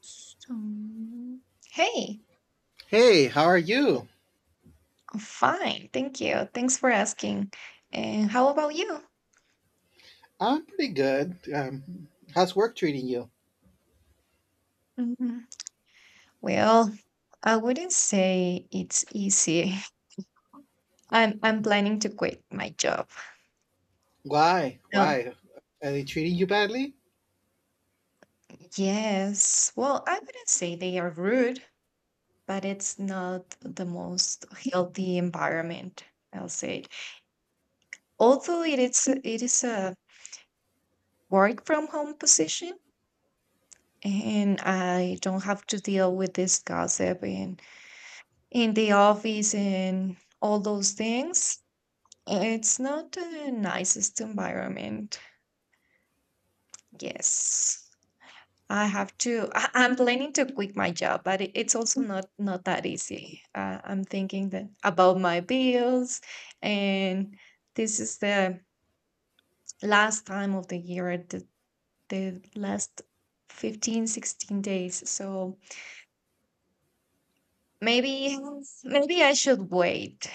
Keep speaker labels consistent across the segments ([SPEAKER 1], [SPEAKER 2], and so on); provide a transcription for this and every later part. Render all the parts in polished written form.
[SPEAKER 1] So, mm, hey,
[SPEAKER 2] Hey, how are you?
[SPEAKER 1] I'm fine, thank you. Thanks for asking. And how about you?
[SPEAKER 2] I'm pretty good. How's work treating you?
[SPEAKER 1] Mhm. Well, I wouldn't say it's easy. I'm planning to quit my job.
[SPEAKER 2] Why?
[SPEAKER 1] No.
[SPEAKER 2] Why? Are they treating you badly?
[SPEAKER 1] Yes. Well, I wouldn't say they are rude, but it's not the most healthy environment, I'll say. Although it is a work from home position and I don't have to deal with this gossip and in the office and all those things. It's not the nicest environment. Yes, I have to. I'm planning to quit my job, but it's also not that easy. I'm thinking that about my bills, and this is the last time of the year, the last 15, 16 days. So maybe maybe I should wait.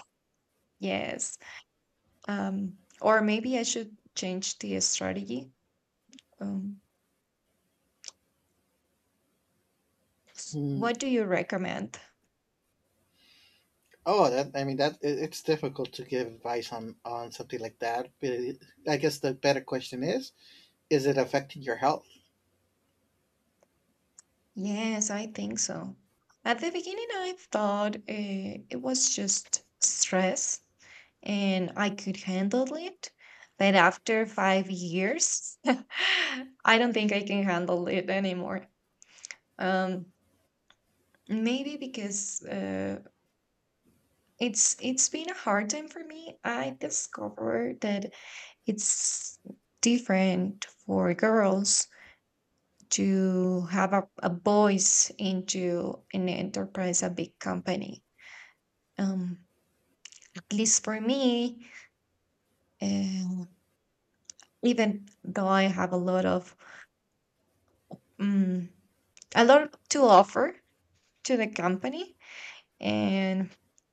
[SPEAKER 1] Yes, or maybe I should change the strategy. Um,
[SPEAKER 2] Hmm.
[SPEAKER 1] what do you recommend?
[SPEAKER 2] Oh, that I mean that it's difficult to give advice on something like that. But I guess the better question is it affecting your health?
[SPEAKER 1] Yes, I think so. At the beginning, I thought it was just stress and I could handle it. But after 5 years, I don't think I can handle it anymore. Um, Maybe because it's been a hard time for me. I discovered that it's different for girls to have a voice into an enterprise, a big company. Um, at least for me, um, even though I have um, a lot to offer to the company, and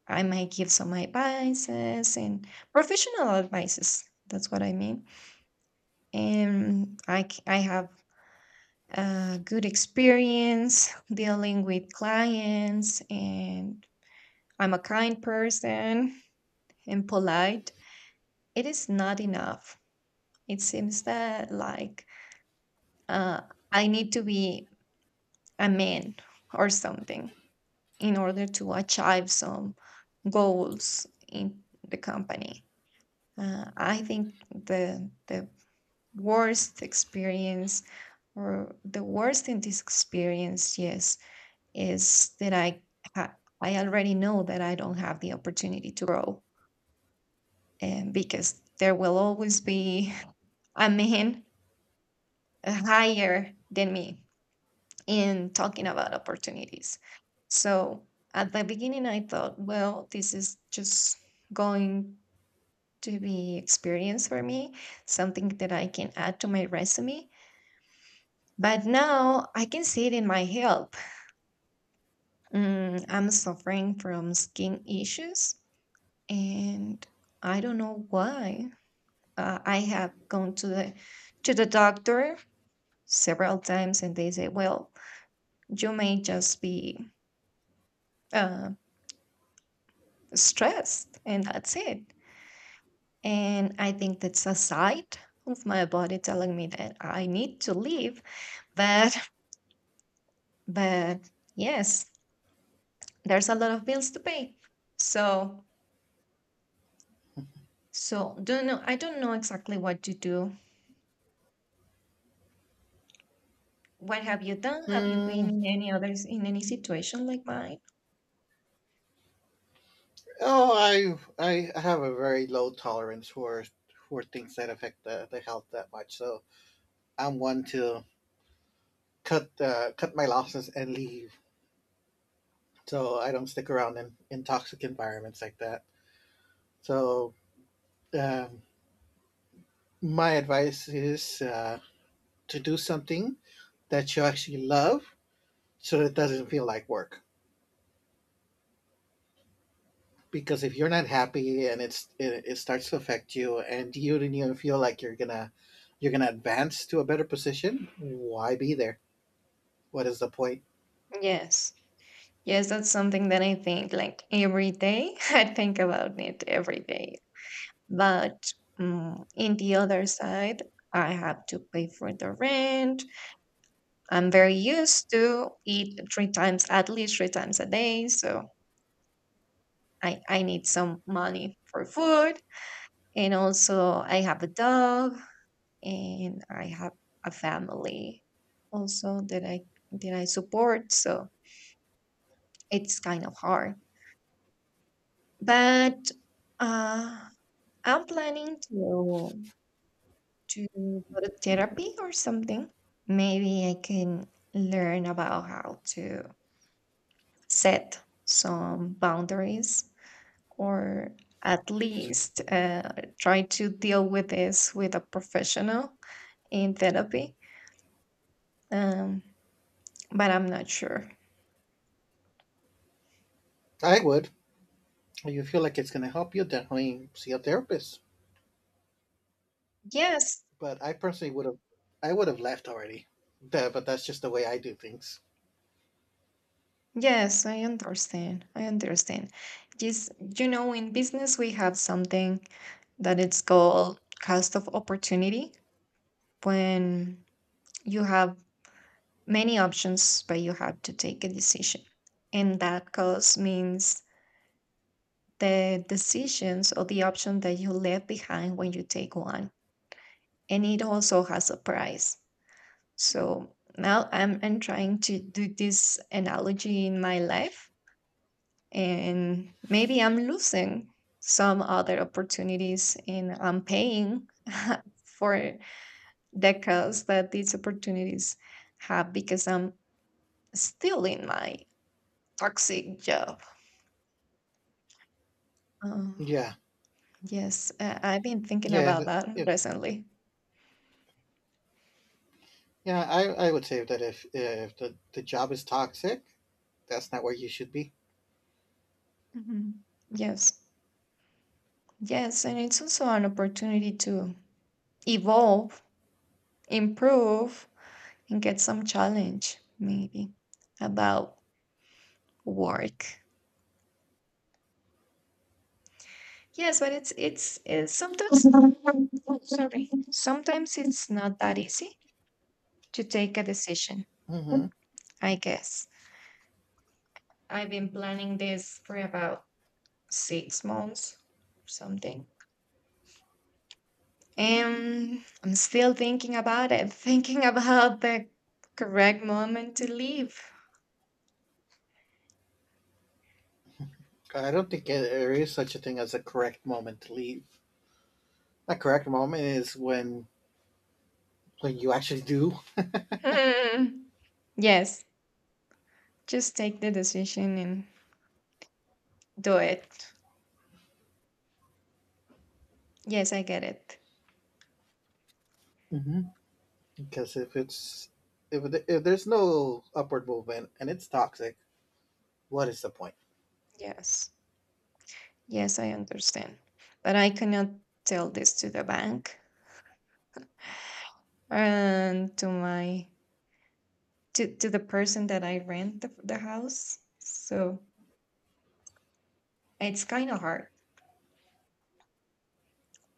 [SPEAKER 1] I might give some advices and professional advices. That's what I mean and I have a good experience dealing with clients, and I'm a kind person and polite. It is not enough. It seems that like uh, I need to be a man or something in order to achieve some goals in the company. I think the worst experience or the worst in this experience, yes, is that ha- I already know that I don't have the opportunity to grow, and because there will always be a man higher than me in talking about opportunities. So at the beginning, I thought, well, this is just going to be experience for me, something that I can add to my resume. But now I can see it in my health. I'm suffering from skin issues and I don't know why. I have gone to the doctor several times, and they say, "Well, you may just be uh, stressed, and that's it." And I think that's a side of my body telling me that I need to leave. But but yes, there's a lot of bills to pay. So so don't know. I don't know exactly what to do. What have you done? Have you been
[SPEAKER 2] Hmm.
[SPEAKER 1] in any others in any situation like mine?
[SPEAKER 2] Oh, I have a very low tolerance for things that affect the health that much. So I'm one to cut my losses and leave. So I don't stick around in toxic environments like that. So um, my advice is to do something that you actually love, so it doesn't feel like work. Because if you're not happy and it starts to affect you, and you do not even feel like you're gonna advance to a better position, why be there? What is the point?
[SPEAKER 1] Yes. Yes, that's something that I think like every day. I think about it every day. But in the other side, I have to pay for the rent. I'm very used to eat three times, at least three times a day. So I need some money for food. And also, I have a dog and I have a family also that I support. So it's kind of hard. But, uh, I'm planning to go to therapy or something. Maybe I can learn about how to set some boundaries or at least try to deal with this with a professional in therapy. Um, but I'm not sure.
[SPEAKER 2] I would. If you feel like it's gonna help you, definitely see a therapist.
[SPEAKER 1] Yes,
[SPEAKER 2] But I would have left already. But that's just the way I do things.
[SPEAKER 1] yes, I understand. I understand. Just, in business, we have something that it's called cost of opportunity when you have many options but you have to take a decision and that cost means the decisions or the option that you left behind when you take one and it also has a price. So now I'm trying to do this analogy in my life, and maybe I'm losing some other opportunities and I'm paying for the chaos that these opportunities have because I'm still in my toxic job. Uh,
[SPEAKER 2] Yeah,
[SPEAKER 1] yes, I've been thinking
[SPEAKER 2] yeah.
[SPEAKER 1] about that recently.
[SPEAKER 2] Yeah, I would say that if the job is toxic, that's not where you should be.
[SPEAKER 1] Mhm. Yes, yes, and it's also an opportunity to evolve, improve, and get some challenge maybe about work. Yes, but it's sometimes sorry. Sometimes it's not that easy to take a decision,
[SPEAKER 2] hmm
[SPEAKER 1] I guess. I've been planning this for about 6 months, or something. And I'm still thinking about it, thinking about the correct moment to leave.
[SPEAKER 2] I don't think there is such a thing as a correct moment to leave. A correct moment is when you actually do.
[SPEAKER 1] Hmm. Yes, just take the decision and do it. Yes, I get it.
[SPEAKER 2] hmm because if it's if, th- if there's no upward movement and it's toxic, what is the point?
[SPEAKER 1] Yes, yes, I understand. But I cannot tell this to the bank and to the person that I rent the house. So it's kind of hard.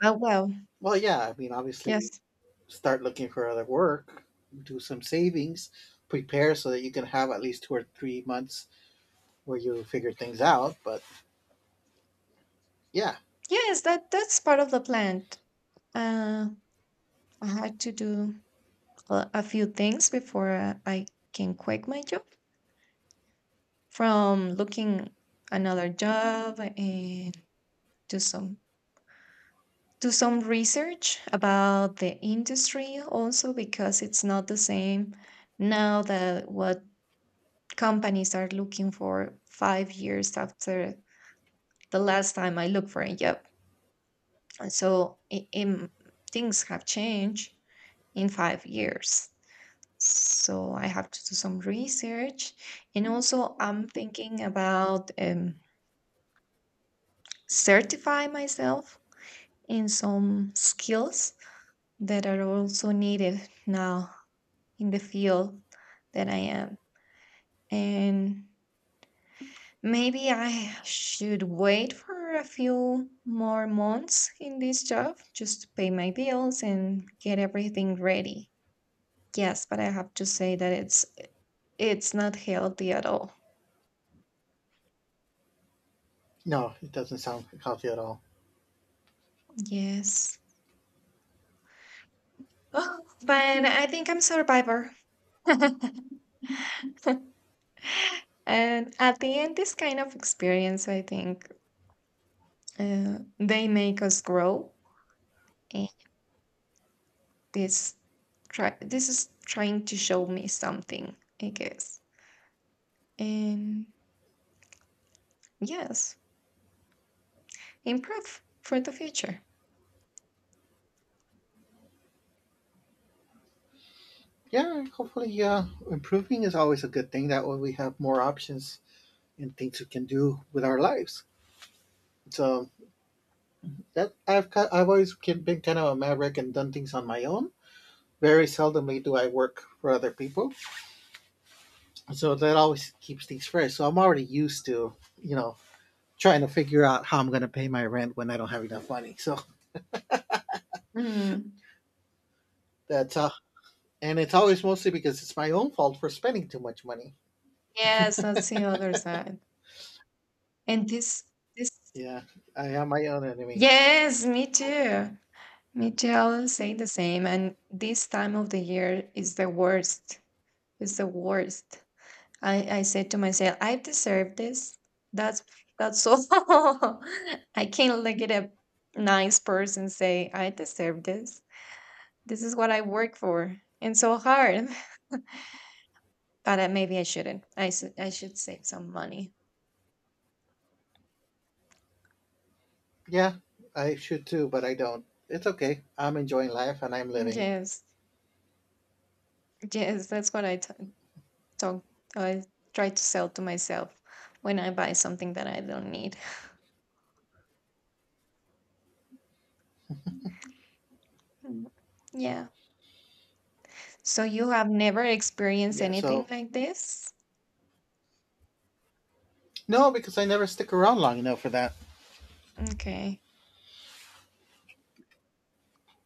[SPEAKER 1] Oh well.
[SPEAKER 2] Well, yeah, I mean, obviously,
[SPEAKER 1] Yes.
[SPEAKER 2] start looking for other work, do some savings, prepare so that you can have at least 2 or 3 months where you figure things out. But yeah.
[SPEAKER 1] Yes, that that's part of the plan. Uh, I had to do a few things before I can quit my job. From looking another job and do some do some research about the industry also because it's not the same now that what companies are looking for 5 years after the last time I looked for a job. And so things have changed in 5 years. So I have to do some research. And also, I'm thinking about certify myself in some skills that are also needed now in the field that I am. And maybe I should wait for a few more months in this job just to pay my bills and get everything ready. Yes, but I have to say that it's not healthy at all.
[SPEAKER 2] No, it doesn't sound healthy at all.
[SPEAKER 1] Yes. Oh, but I think I'm survivor. And at the end, this kind of experience, I think, they make us grow. And this, this is trying to show me something, I guess. And yes, improve for the future.
[SPEAKER 2] Yeah, hopefully, improving is always a good thing. That way, we have more options and things we can do with our lives. So I've always been kind of a maverick and done things on my own. Very seldomly do I work for other people, so that always keeps things fresh. So I'm already used to, you know, trying to figure out how I'm going to pay my rent when I don't have enough money. So
[SPEAKER 1] Mm.
[SPEAKER 2] that's and it's always mostly because it's my own fault for spending too much money.
[SPEAKER 1] Yes, that's the other side. And this,
[SPEAKER 2] Yeah, I am my own enemy.
[SPEAKER 1] yes, me too. Me too. I'll say the same. And this time of the year is the worst. It's the worst. I said to myself, I deserve this. That's that's all. I can't look at a nice person say, I deserve this. This is what I work for and so hard. But maybe I shouldn't. I should save some money.
[SPEAKER 2] Yeah, I should too, but I don't. It's okay. I'm enjoying life and I'm living.
[SPEAKER 1] Yes, yes, that's what talk. I try to sell to myself when I buy something that I don't need. Mm. Yeah. So you have never experienced
[SPEAKER 2] Yeah,
[SPEAKER 1] anything
[SPEAKER 2] so
[SPEAKER 1] like this?
[SPEAKER 2] no, because I never stick around long enough for that.
[SPEAKER 1] Okay.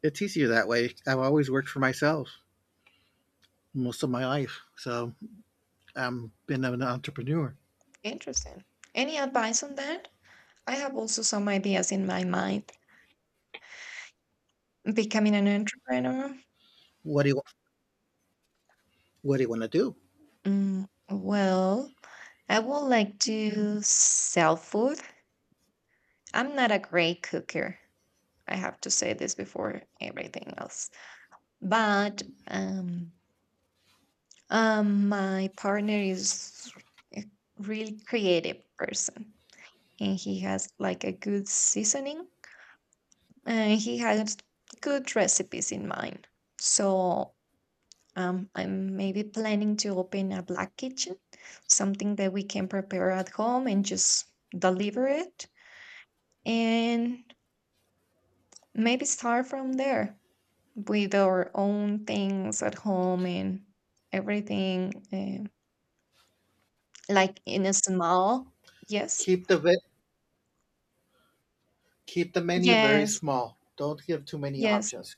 [SPEAKER 2] It's easier that way. I've always worked for myself most of my life, so I'm been an entrepreneur.
[SPEAKER 1] Interesting. Any advice on that? I have also some ideas in my mind. Becoming an entrepreneur?
[SPEAKER 2] What do you What do you want to do?
[SPEAKER 1] Well, I would like to sell food. I'm not a great cooker. I have to say this before everything else. But my partner is a really creative person and he has like a good seasoning and he has good recipes in mind. So I'm maybe planning to open a black kitchen, something that we can prepare at home and just deliver it, and maybe start from there with our own things at home and everything, like in a small. Yes,
[SPEAKER 2] Keep keep the menu very
[SPEAKER 1] yes,
[SPEAKER 2] small. Don't give too many
[SPEAKER 1] yes,
[SPEAKER 2] options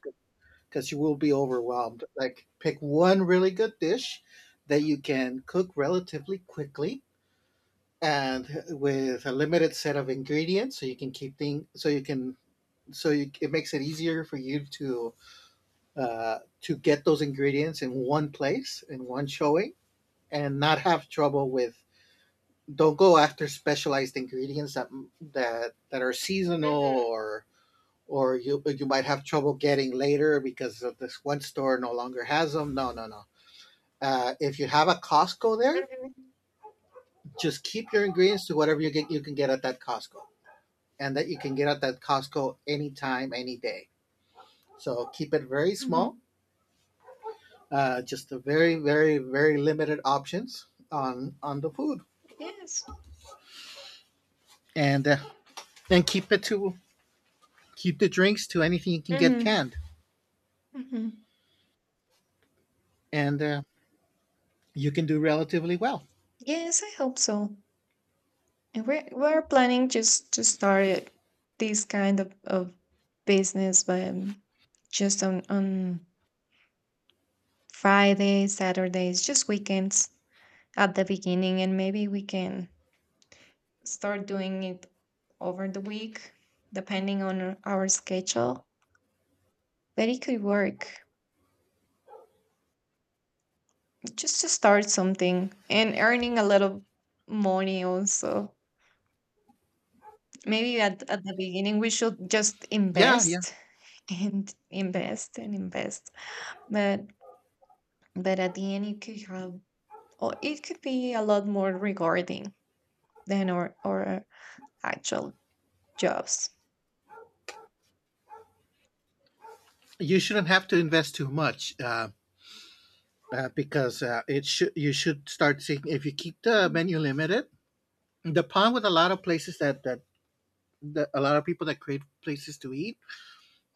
[SPEAKER 2] because you will be overwhelmed. Like pick one really good dish that you can cook relatively quickly and with a limited set of ingredients so you can keep things so you can so you, it makes it easier for you to get those ingredients in one place in one showing and not have trouble with don't go after specialized ingredients that are seasonal or or you might have trouble getting later because of this one store no longer has them. No, no, no. If you have a Costco there,
[SPEAKER 1] hmm
[SPEAKER 2] just keep your ingredients to whatever you can get at that Costco and that you can get at that Costco anytime, any day. So keep it very small.
[SPEAKER 1] hmm
[SPEAKER 2] Just a very, very, very limited options on the food,
[SPEAKER 1] yes,
[SPEAKER 2] and uh, and keep the drinks to anything you can get
[SPEAKER 1] hmm
[SPEAKER 2] canned,
[SPEAKER 1] hmm
[SPEAKER 2] and you can do relatively well.
[SPEAKER 1] yes. I hope so. And we're planning just to start it, this kind of business, but just on Fridays, Saturdays, just weekends at the beginning, and maybe we can start doing it over the week, depending on our schedule. But it could work just to start something and earning a lot of money also. Maybe at the beginning we should just
[SPEAKER 2] Yeah, yeah.
[SPEAKER 1] invest and invest and invest. But but at the end, it could have, or it could be a lot more rewarding than our actual jobs.
[SPEAKER 2] You shouldn't have to invest too much because it should. You should start seeing if you keep the menu limited. The problem with a lot of places that a lot of people that create places to eat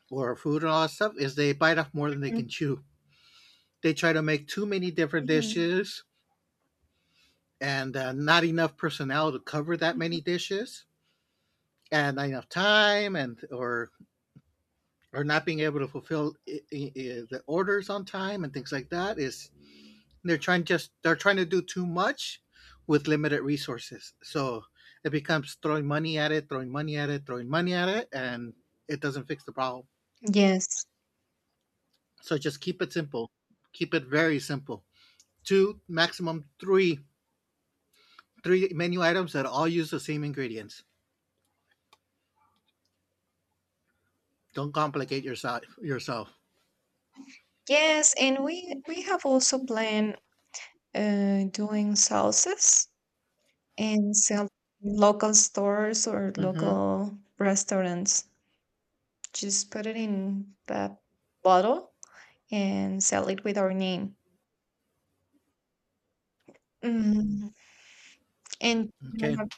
[SPEAKER 2] or food and all that stuff is they bite off more than they
[SPEAKER 1] Mhm.
[SPEAKER 2] can chew. They try to make too many different
[SPEAKER 1] Mhm,
[SPEAKER 2] dishes and not enough personnel to cover that
[SPEAKER 1] mhm.
[SPEAKER 2] many dishes and not enough time and or not being able to fulfill the orders on time and things like that is they're trying to do too much with limited resources. So it becomes throwing money at it, throwing money at it, throwing money at it, and it doesn't fix the problem.
[SPEAKER 1] Yes,
[SPEAKER 2] So just keep it simple. Keep it very simple. Two, maximum three menu items that all use the same ingredients. Don't complicate yourself. Yourself.
[SPEAKER 1] yes, and we have also planned doing sauces and sell local stores or
[SPEAKER 2] hmm
[SPEAKER 1] local restaurants. Just put it in the bottle and sell it with our name. Mm, And you don't
[SPEAKER 2] Okay,
[SPEAKER 1] have,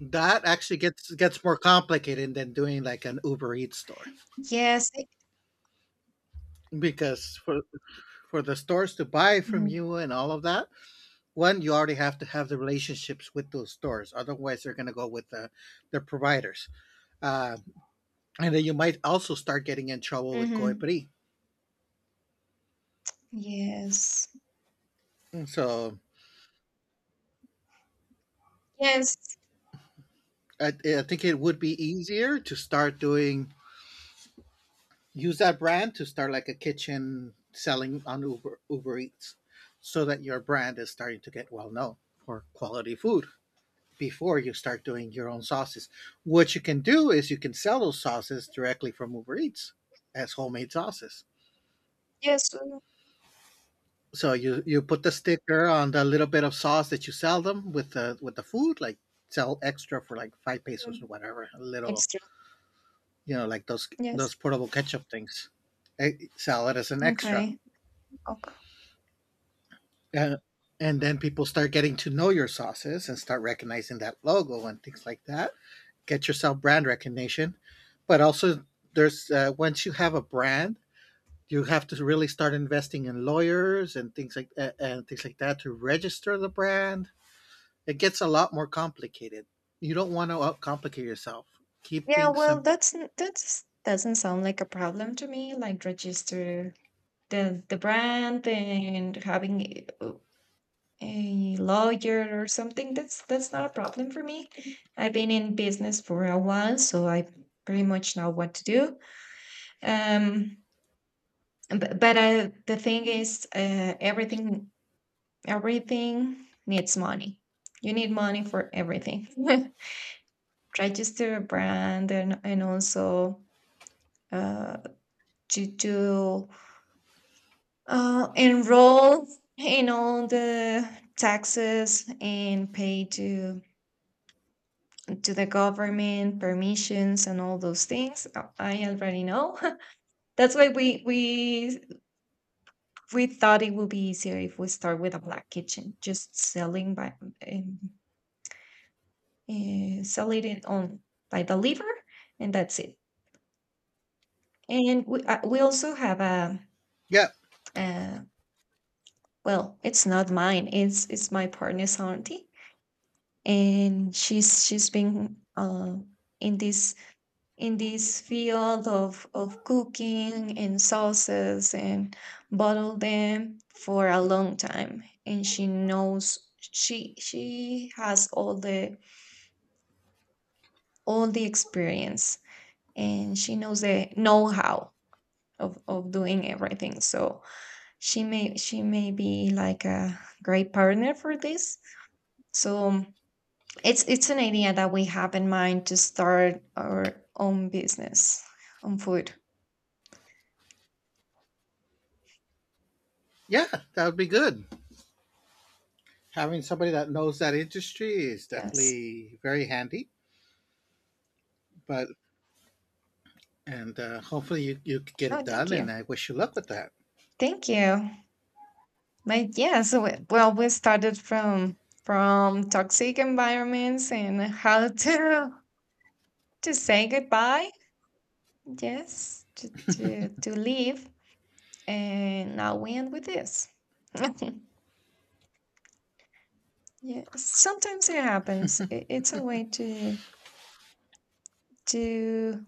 [SPEAKER 2] that actually gets more complicated than doing like an Uber Eats store
[SPEAKER 1] yes,
[SPEAKER 2] because for the stores to buy from
[SPEAKER 1] mhm,
[SPEAKER 2] you and all of that, one you already have to have the relationships with those stores. Otherwise, they're gonna go with their providers, uh, and then you might also start getting in trouble with
[SPEAKER 1] mhm.
[SPEAKER 2] Coipri.
[SPEAKER 1] Yes.
[SPEAKER 2] So
[SPEAKER 1] Yes.
[SPEAKER 2] I think it would be easier to start doing use that brand to start like a kitchen selling on Uber Eats, so that your brand is starting to get well known for quality food before you start doing your own sauces. What you can do is you can sell those sauces directly from Uber Eats as homemade sauces.
[SPEAKER 1] Yes.
[SPEAKER 2] So you put the sticker on the little bit of sauce that you sell them with the food, like sell extra for like five pesos or
[SPEAKER 1] Mm,
[SPEAKER 2] whatever, a little
[SPEAKER 1] It's true.
[SPEAKER 2] like those
[SPEAKER 1] Yes.
[SPEAKER 2] those portable ketchup things. Sell it as an extra.
[SPEAKER 1] Okay. Okay.
[SPEAKER 2] Uh, and then people start getting to know your sauces and start recognizing that logo and things like that. Get yourself brand recognition, but also there's once you have a brand, you have to really start investing in lawyers and things like that to register the brand. It gets a lot more complicated. You don't want to outcomplicate yourself. Keep
[SPEAKER 1] Yeah,
[SPEAKER 2] things
[SPEAKER 1] well,
[SPEAKER 2] simple.
[SPEAKER 1] that's doesn't sound like a problem to me. Like register the brand and having a lawyer or something. That's not a problem for me. I've been in business for a while, so I pretty much know what to do. Um, but, the thing is, everything needs money. You need money for everything. Register a brand and also uh, to enroll in all the taxes and pay to the government permissions and all those things. I already know. That's why we thought it would be easier if we start with a black kitchen just selling by um, selected on by the liver, and that's it. And we also have a,
[SPEAKER 2] Yeah,
[SPEAKER 1] uh well, it's not mine. It's my partner's auntie, and she's been in this in this field of cooking and sauces and bottle them for a long time, and she knows she has all the experience, and she knows the know how of doing everything. So she may be like a great partner for this. So it's an idea that we have in mind to start our own business on food.
[SPEAKER 2] yeah, that would be good. Having somebody that knows that industry is
[SPEAKER 1] Yes.
[SPEAKER 2] definitely very handy. But and Hopefully you get it
[SPEAKER 1] Oh, thank
[SPEAKER 2] done. And
[SPEAKER 1] you,
[SPEAKER 2] I wish you luck with that.
[SPEAKER 1] thank you. But yeah, so well, we started from toxic environments and how to say goodbye. Yes, to leave, and now we end with this. Yeah, sometimes it happens. I It's a way to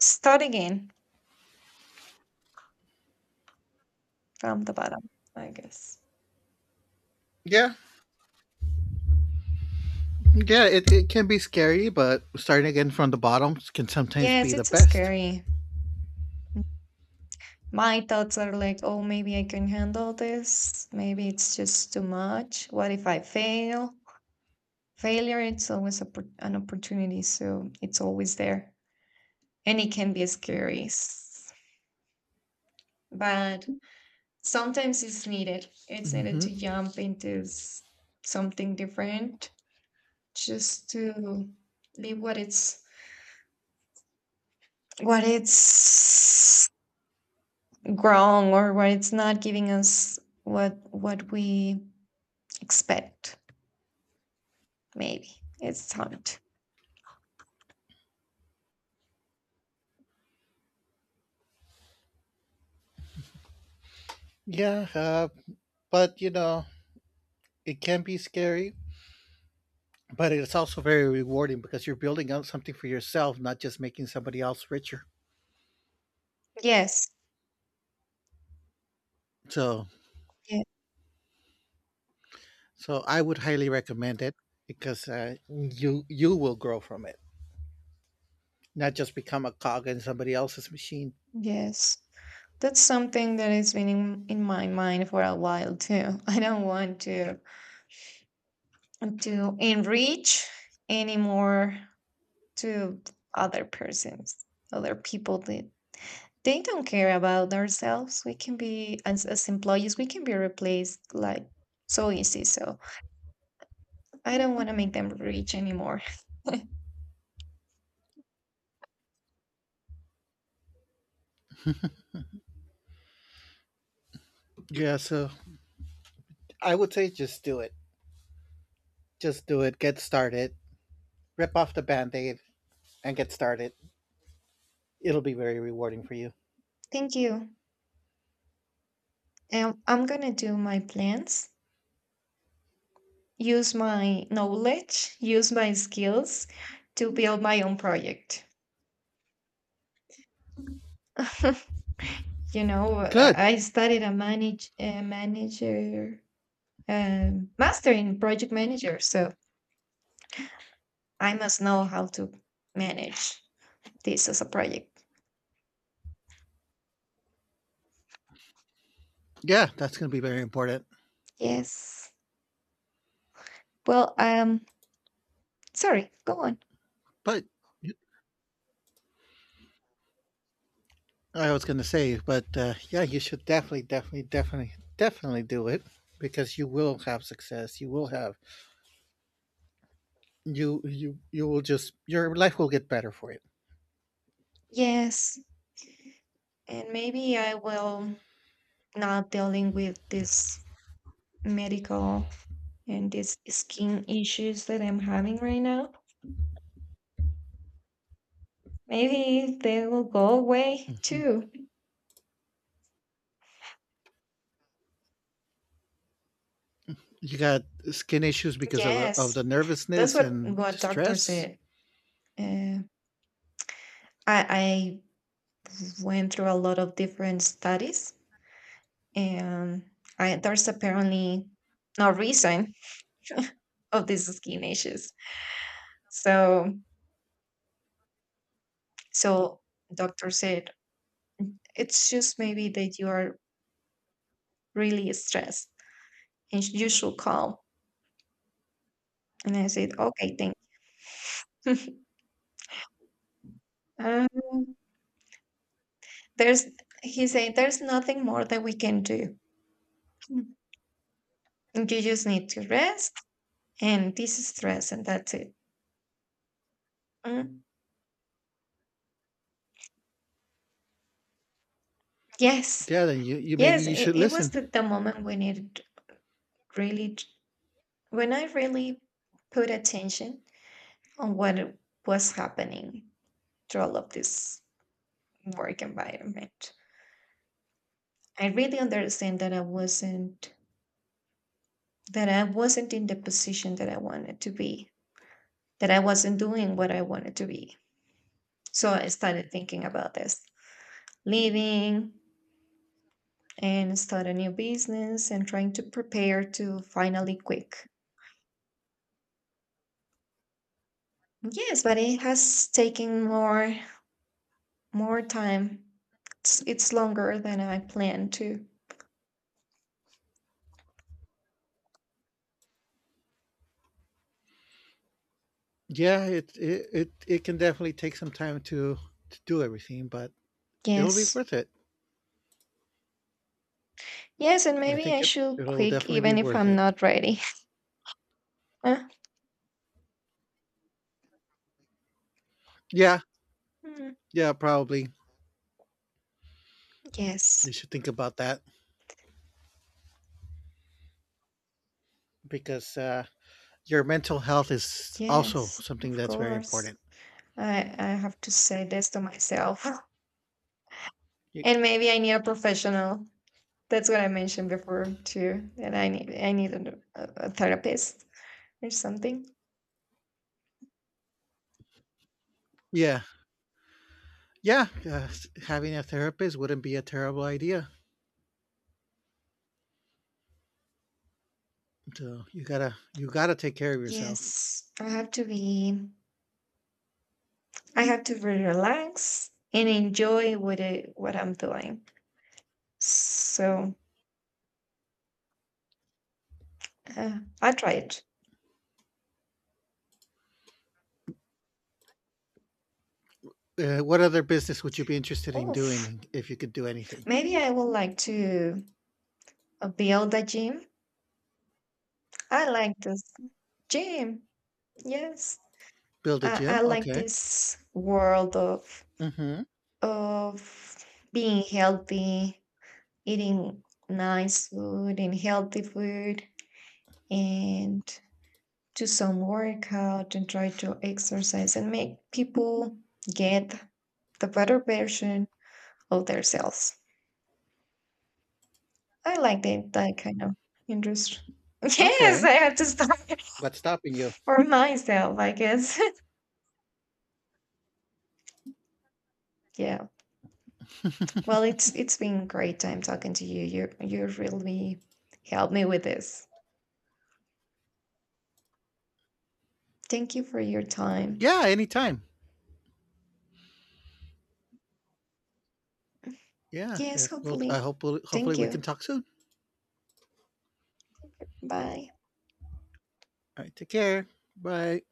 [SPEAKER 1] start again from the bottom, I guess.
[SPEAKER 2] Yeah, yeah, it can be scary, but starting again from the bottom can sometimes be
[SPEAKER 1] Yes,
[SPEAKER 2] the
[SPEAKER 1] it's
[SPEAKER 2] best.
[SPEAKER 1] scary. My thoughts are like, oh, maybe I can handle this. Maybe it's just too much. What if I fail? Failure, it's always a, an opportunity, so it's always there. And it can be scary, but sometimes it's needed. It's needed to
[SPEAKER 2] hmm
[SPEAKER 1] jump into something different, just to leave what it's wrong or what it's not giving us what we expect. Maybe it's hard.
[SPEAKER 2] Yeah, but you know it can be scary, but it's also very rewarding because you're building up something for yourself, not just making somebody else richer.
[SPEAKER 1] Yes.
[SPEAKER 2] So,
[SPEAKER 1] ye-
[SPEAKER 2] so, I would highly recommend it because you will grow from it, not just become a cog in somebody else's machine.
[SPEAKER 1] yes, that's something that has been in my mind for a while too. I don't want to enrich anymore, to other persons other people. They don't care about ourselves. We can be as employees, we can be replaced like so easy. So I don't want to make them rich anymore.
[SPEAKER 2] Yeah, so I would say just do it. Just do it. Get started. Rip off the band aid and get started. It'll be very rewarding for you.
[SPEAKER 1] Thank you. I'm gonna do my plans, use my knowledge, use my skills to build my own project. You know,
[SPEAKER 2] Good.
[SPEAKER 1] I studied a manager, master in project manager, so I must know how to manage this as a project.
[SPEAKER 2] Yeah, that's going to be very important.
[SPEAKER 1] Yes. Well, sorry, go on.
[SPEAKER 2] But I was going to say, but yeah, you should definitely, definitely, definitely, definitely do it because you will have success. You will have you you you will just Your life will get better for it.
[SPEAKER 1] Yes, and maybe I will not dealing with this medical and these skin issues that I'm having right now. Maybe they will go away too.
[SPEAKER 2] You got skin issues because of the
[SPEAKER 1] Yes, that's
[SPEAKER 2] nervousness
[SPEAKER 1] what
[SPEAKER 2] and
[SPEAKER 1] what doctor
[SPEAKER 2] stress.
[SPEAKER 1] said. Uh, I went through a lot of different studies, and there's apparently no reason of these skin issues. So So doctor said, it's just maybe that you are really stressed and you should calm. And I said, okay, thank you. um, there's, he said, there's nothing more that we can do. Mm. You just need to rest, and this is stress, and that's it. Mm. Yes.
[SPEAKER 2] Yeah, then you, you maybe
[SPEAKER 1] Yes.
[SPEAKER 2] you should
[SPEAKER 1] It was
[SPEAKER 2] listen.
[SPEAKER 1] the moment when really, when I really put attention on what was happening through all of this work environment. I really understand that I wasn't in the position that I wanted to be, that I wasn't doing what I wanted to be. So I started thinking about this, leaving, and start a new business and trying to prepare to finally quit. Yes, but it has taken more more time. It's longer than I planned to.
[SPEAKER 2] Yeah, it can definitely take some time to do everything, but it'll be
[SPEAKER 1] Yes.
[SPEAKER 2] worth it.
[SPEAKER 1] Yes, and
[SPEAKER 2] I
[SPEAKER 1] maybe
[SPEAKER 2] think
[SPEAKER 1] I
[SPEAKER 2] it
[SPEAKER 1] should
[SPEAKER 2] it'll
[SPEAKER 1] quit
[SPEAKER 2] definitely be
[SPEAKER 1] even if
[SPEAKER 2] worth
[SPEAKER 1] I'm
[SPEAKER 2] it.
[SPEAKER 1] not ready. Uh,
[SPEAKER 2] Yeah,
[SPEAKER 1] mm,
[SPEAKER 2] yeah, probably. You
[SPEAKER 1] yes.
[SPEAKER 2] should think about that because your mental health is also
[SPEAKER 1] Yes,
[SPEAKER 2] something
[SPEAKER 1] of
[SPEAKER 2] that's very
[SPEAKER 1] course.
[SPEAKER 2] important.
[SPEAKER 1] I have to say this to myself.
[SPEAKER 2] Y-
[SPEAKER 1] And maybe I need a professional. That's what I mentioned before too. That I need a, a therapist or something.
[SPEAKER 2] Yeah, yeah. Having a therapist wouldn't be a terrible idea. So you gotta take care of yourself.
[SPEAKER 1] Yes, I have to be I have to be relax and enjoy what I'm doing. So I'll try it.
[SPEAKER 2] What other business would you be interested in
[SPEAKER 1] Oof.
[SPEAKER 2] doing if you could do anything?
[SPEAKER 1] Maybe I would like to build a gym. I like this gym. Yes.
[SPEAKER 2] Build a
[SPEAKER 1] I
[SPEAKER 2] gym?
[SPEAKER 1] like
[SPEAKER 2] Okay.
[SPEAKER 1] this world
[SPEAKER 2] Mm-hmm.
[SPEAKER 1] of being healthy, eating nice food and healthy food, and do some workout and try to exercise and make people get the better version of themselves. I like that kind of industry. Yes,
[SPEAKER 2] Okay.
[SPEAKER 1] I have to start.
[SPEAKER 2] What's stopping you?
[SPEAKER 1] For myself, I guess. Yeah. Well, it's been great time talking to you. You really helped me with this. Thank you for your time.
[SPEAKER 2] Yeah, anytime. Yeah.
[SPEAKER 1] Yes,
[SPEAKER 2] Well, I
[SPEAKER 1] hopefully.
[SPEAKER 2] hope hopefully
[SPEAKER 1] Thank
[SPEAKER 2] we can
[SPEAKER 1] you.
[SPEAKER 2] talk soon.
[SPEAKER 1] Bye.
[SPEAKER 2] All right. Take care. Bye.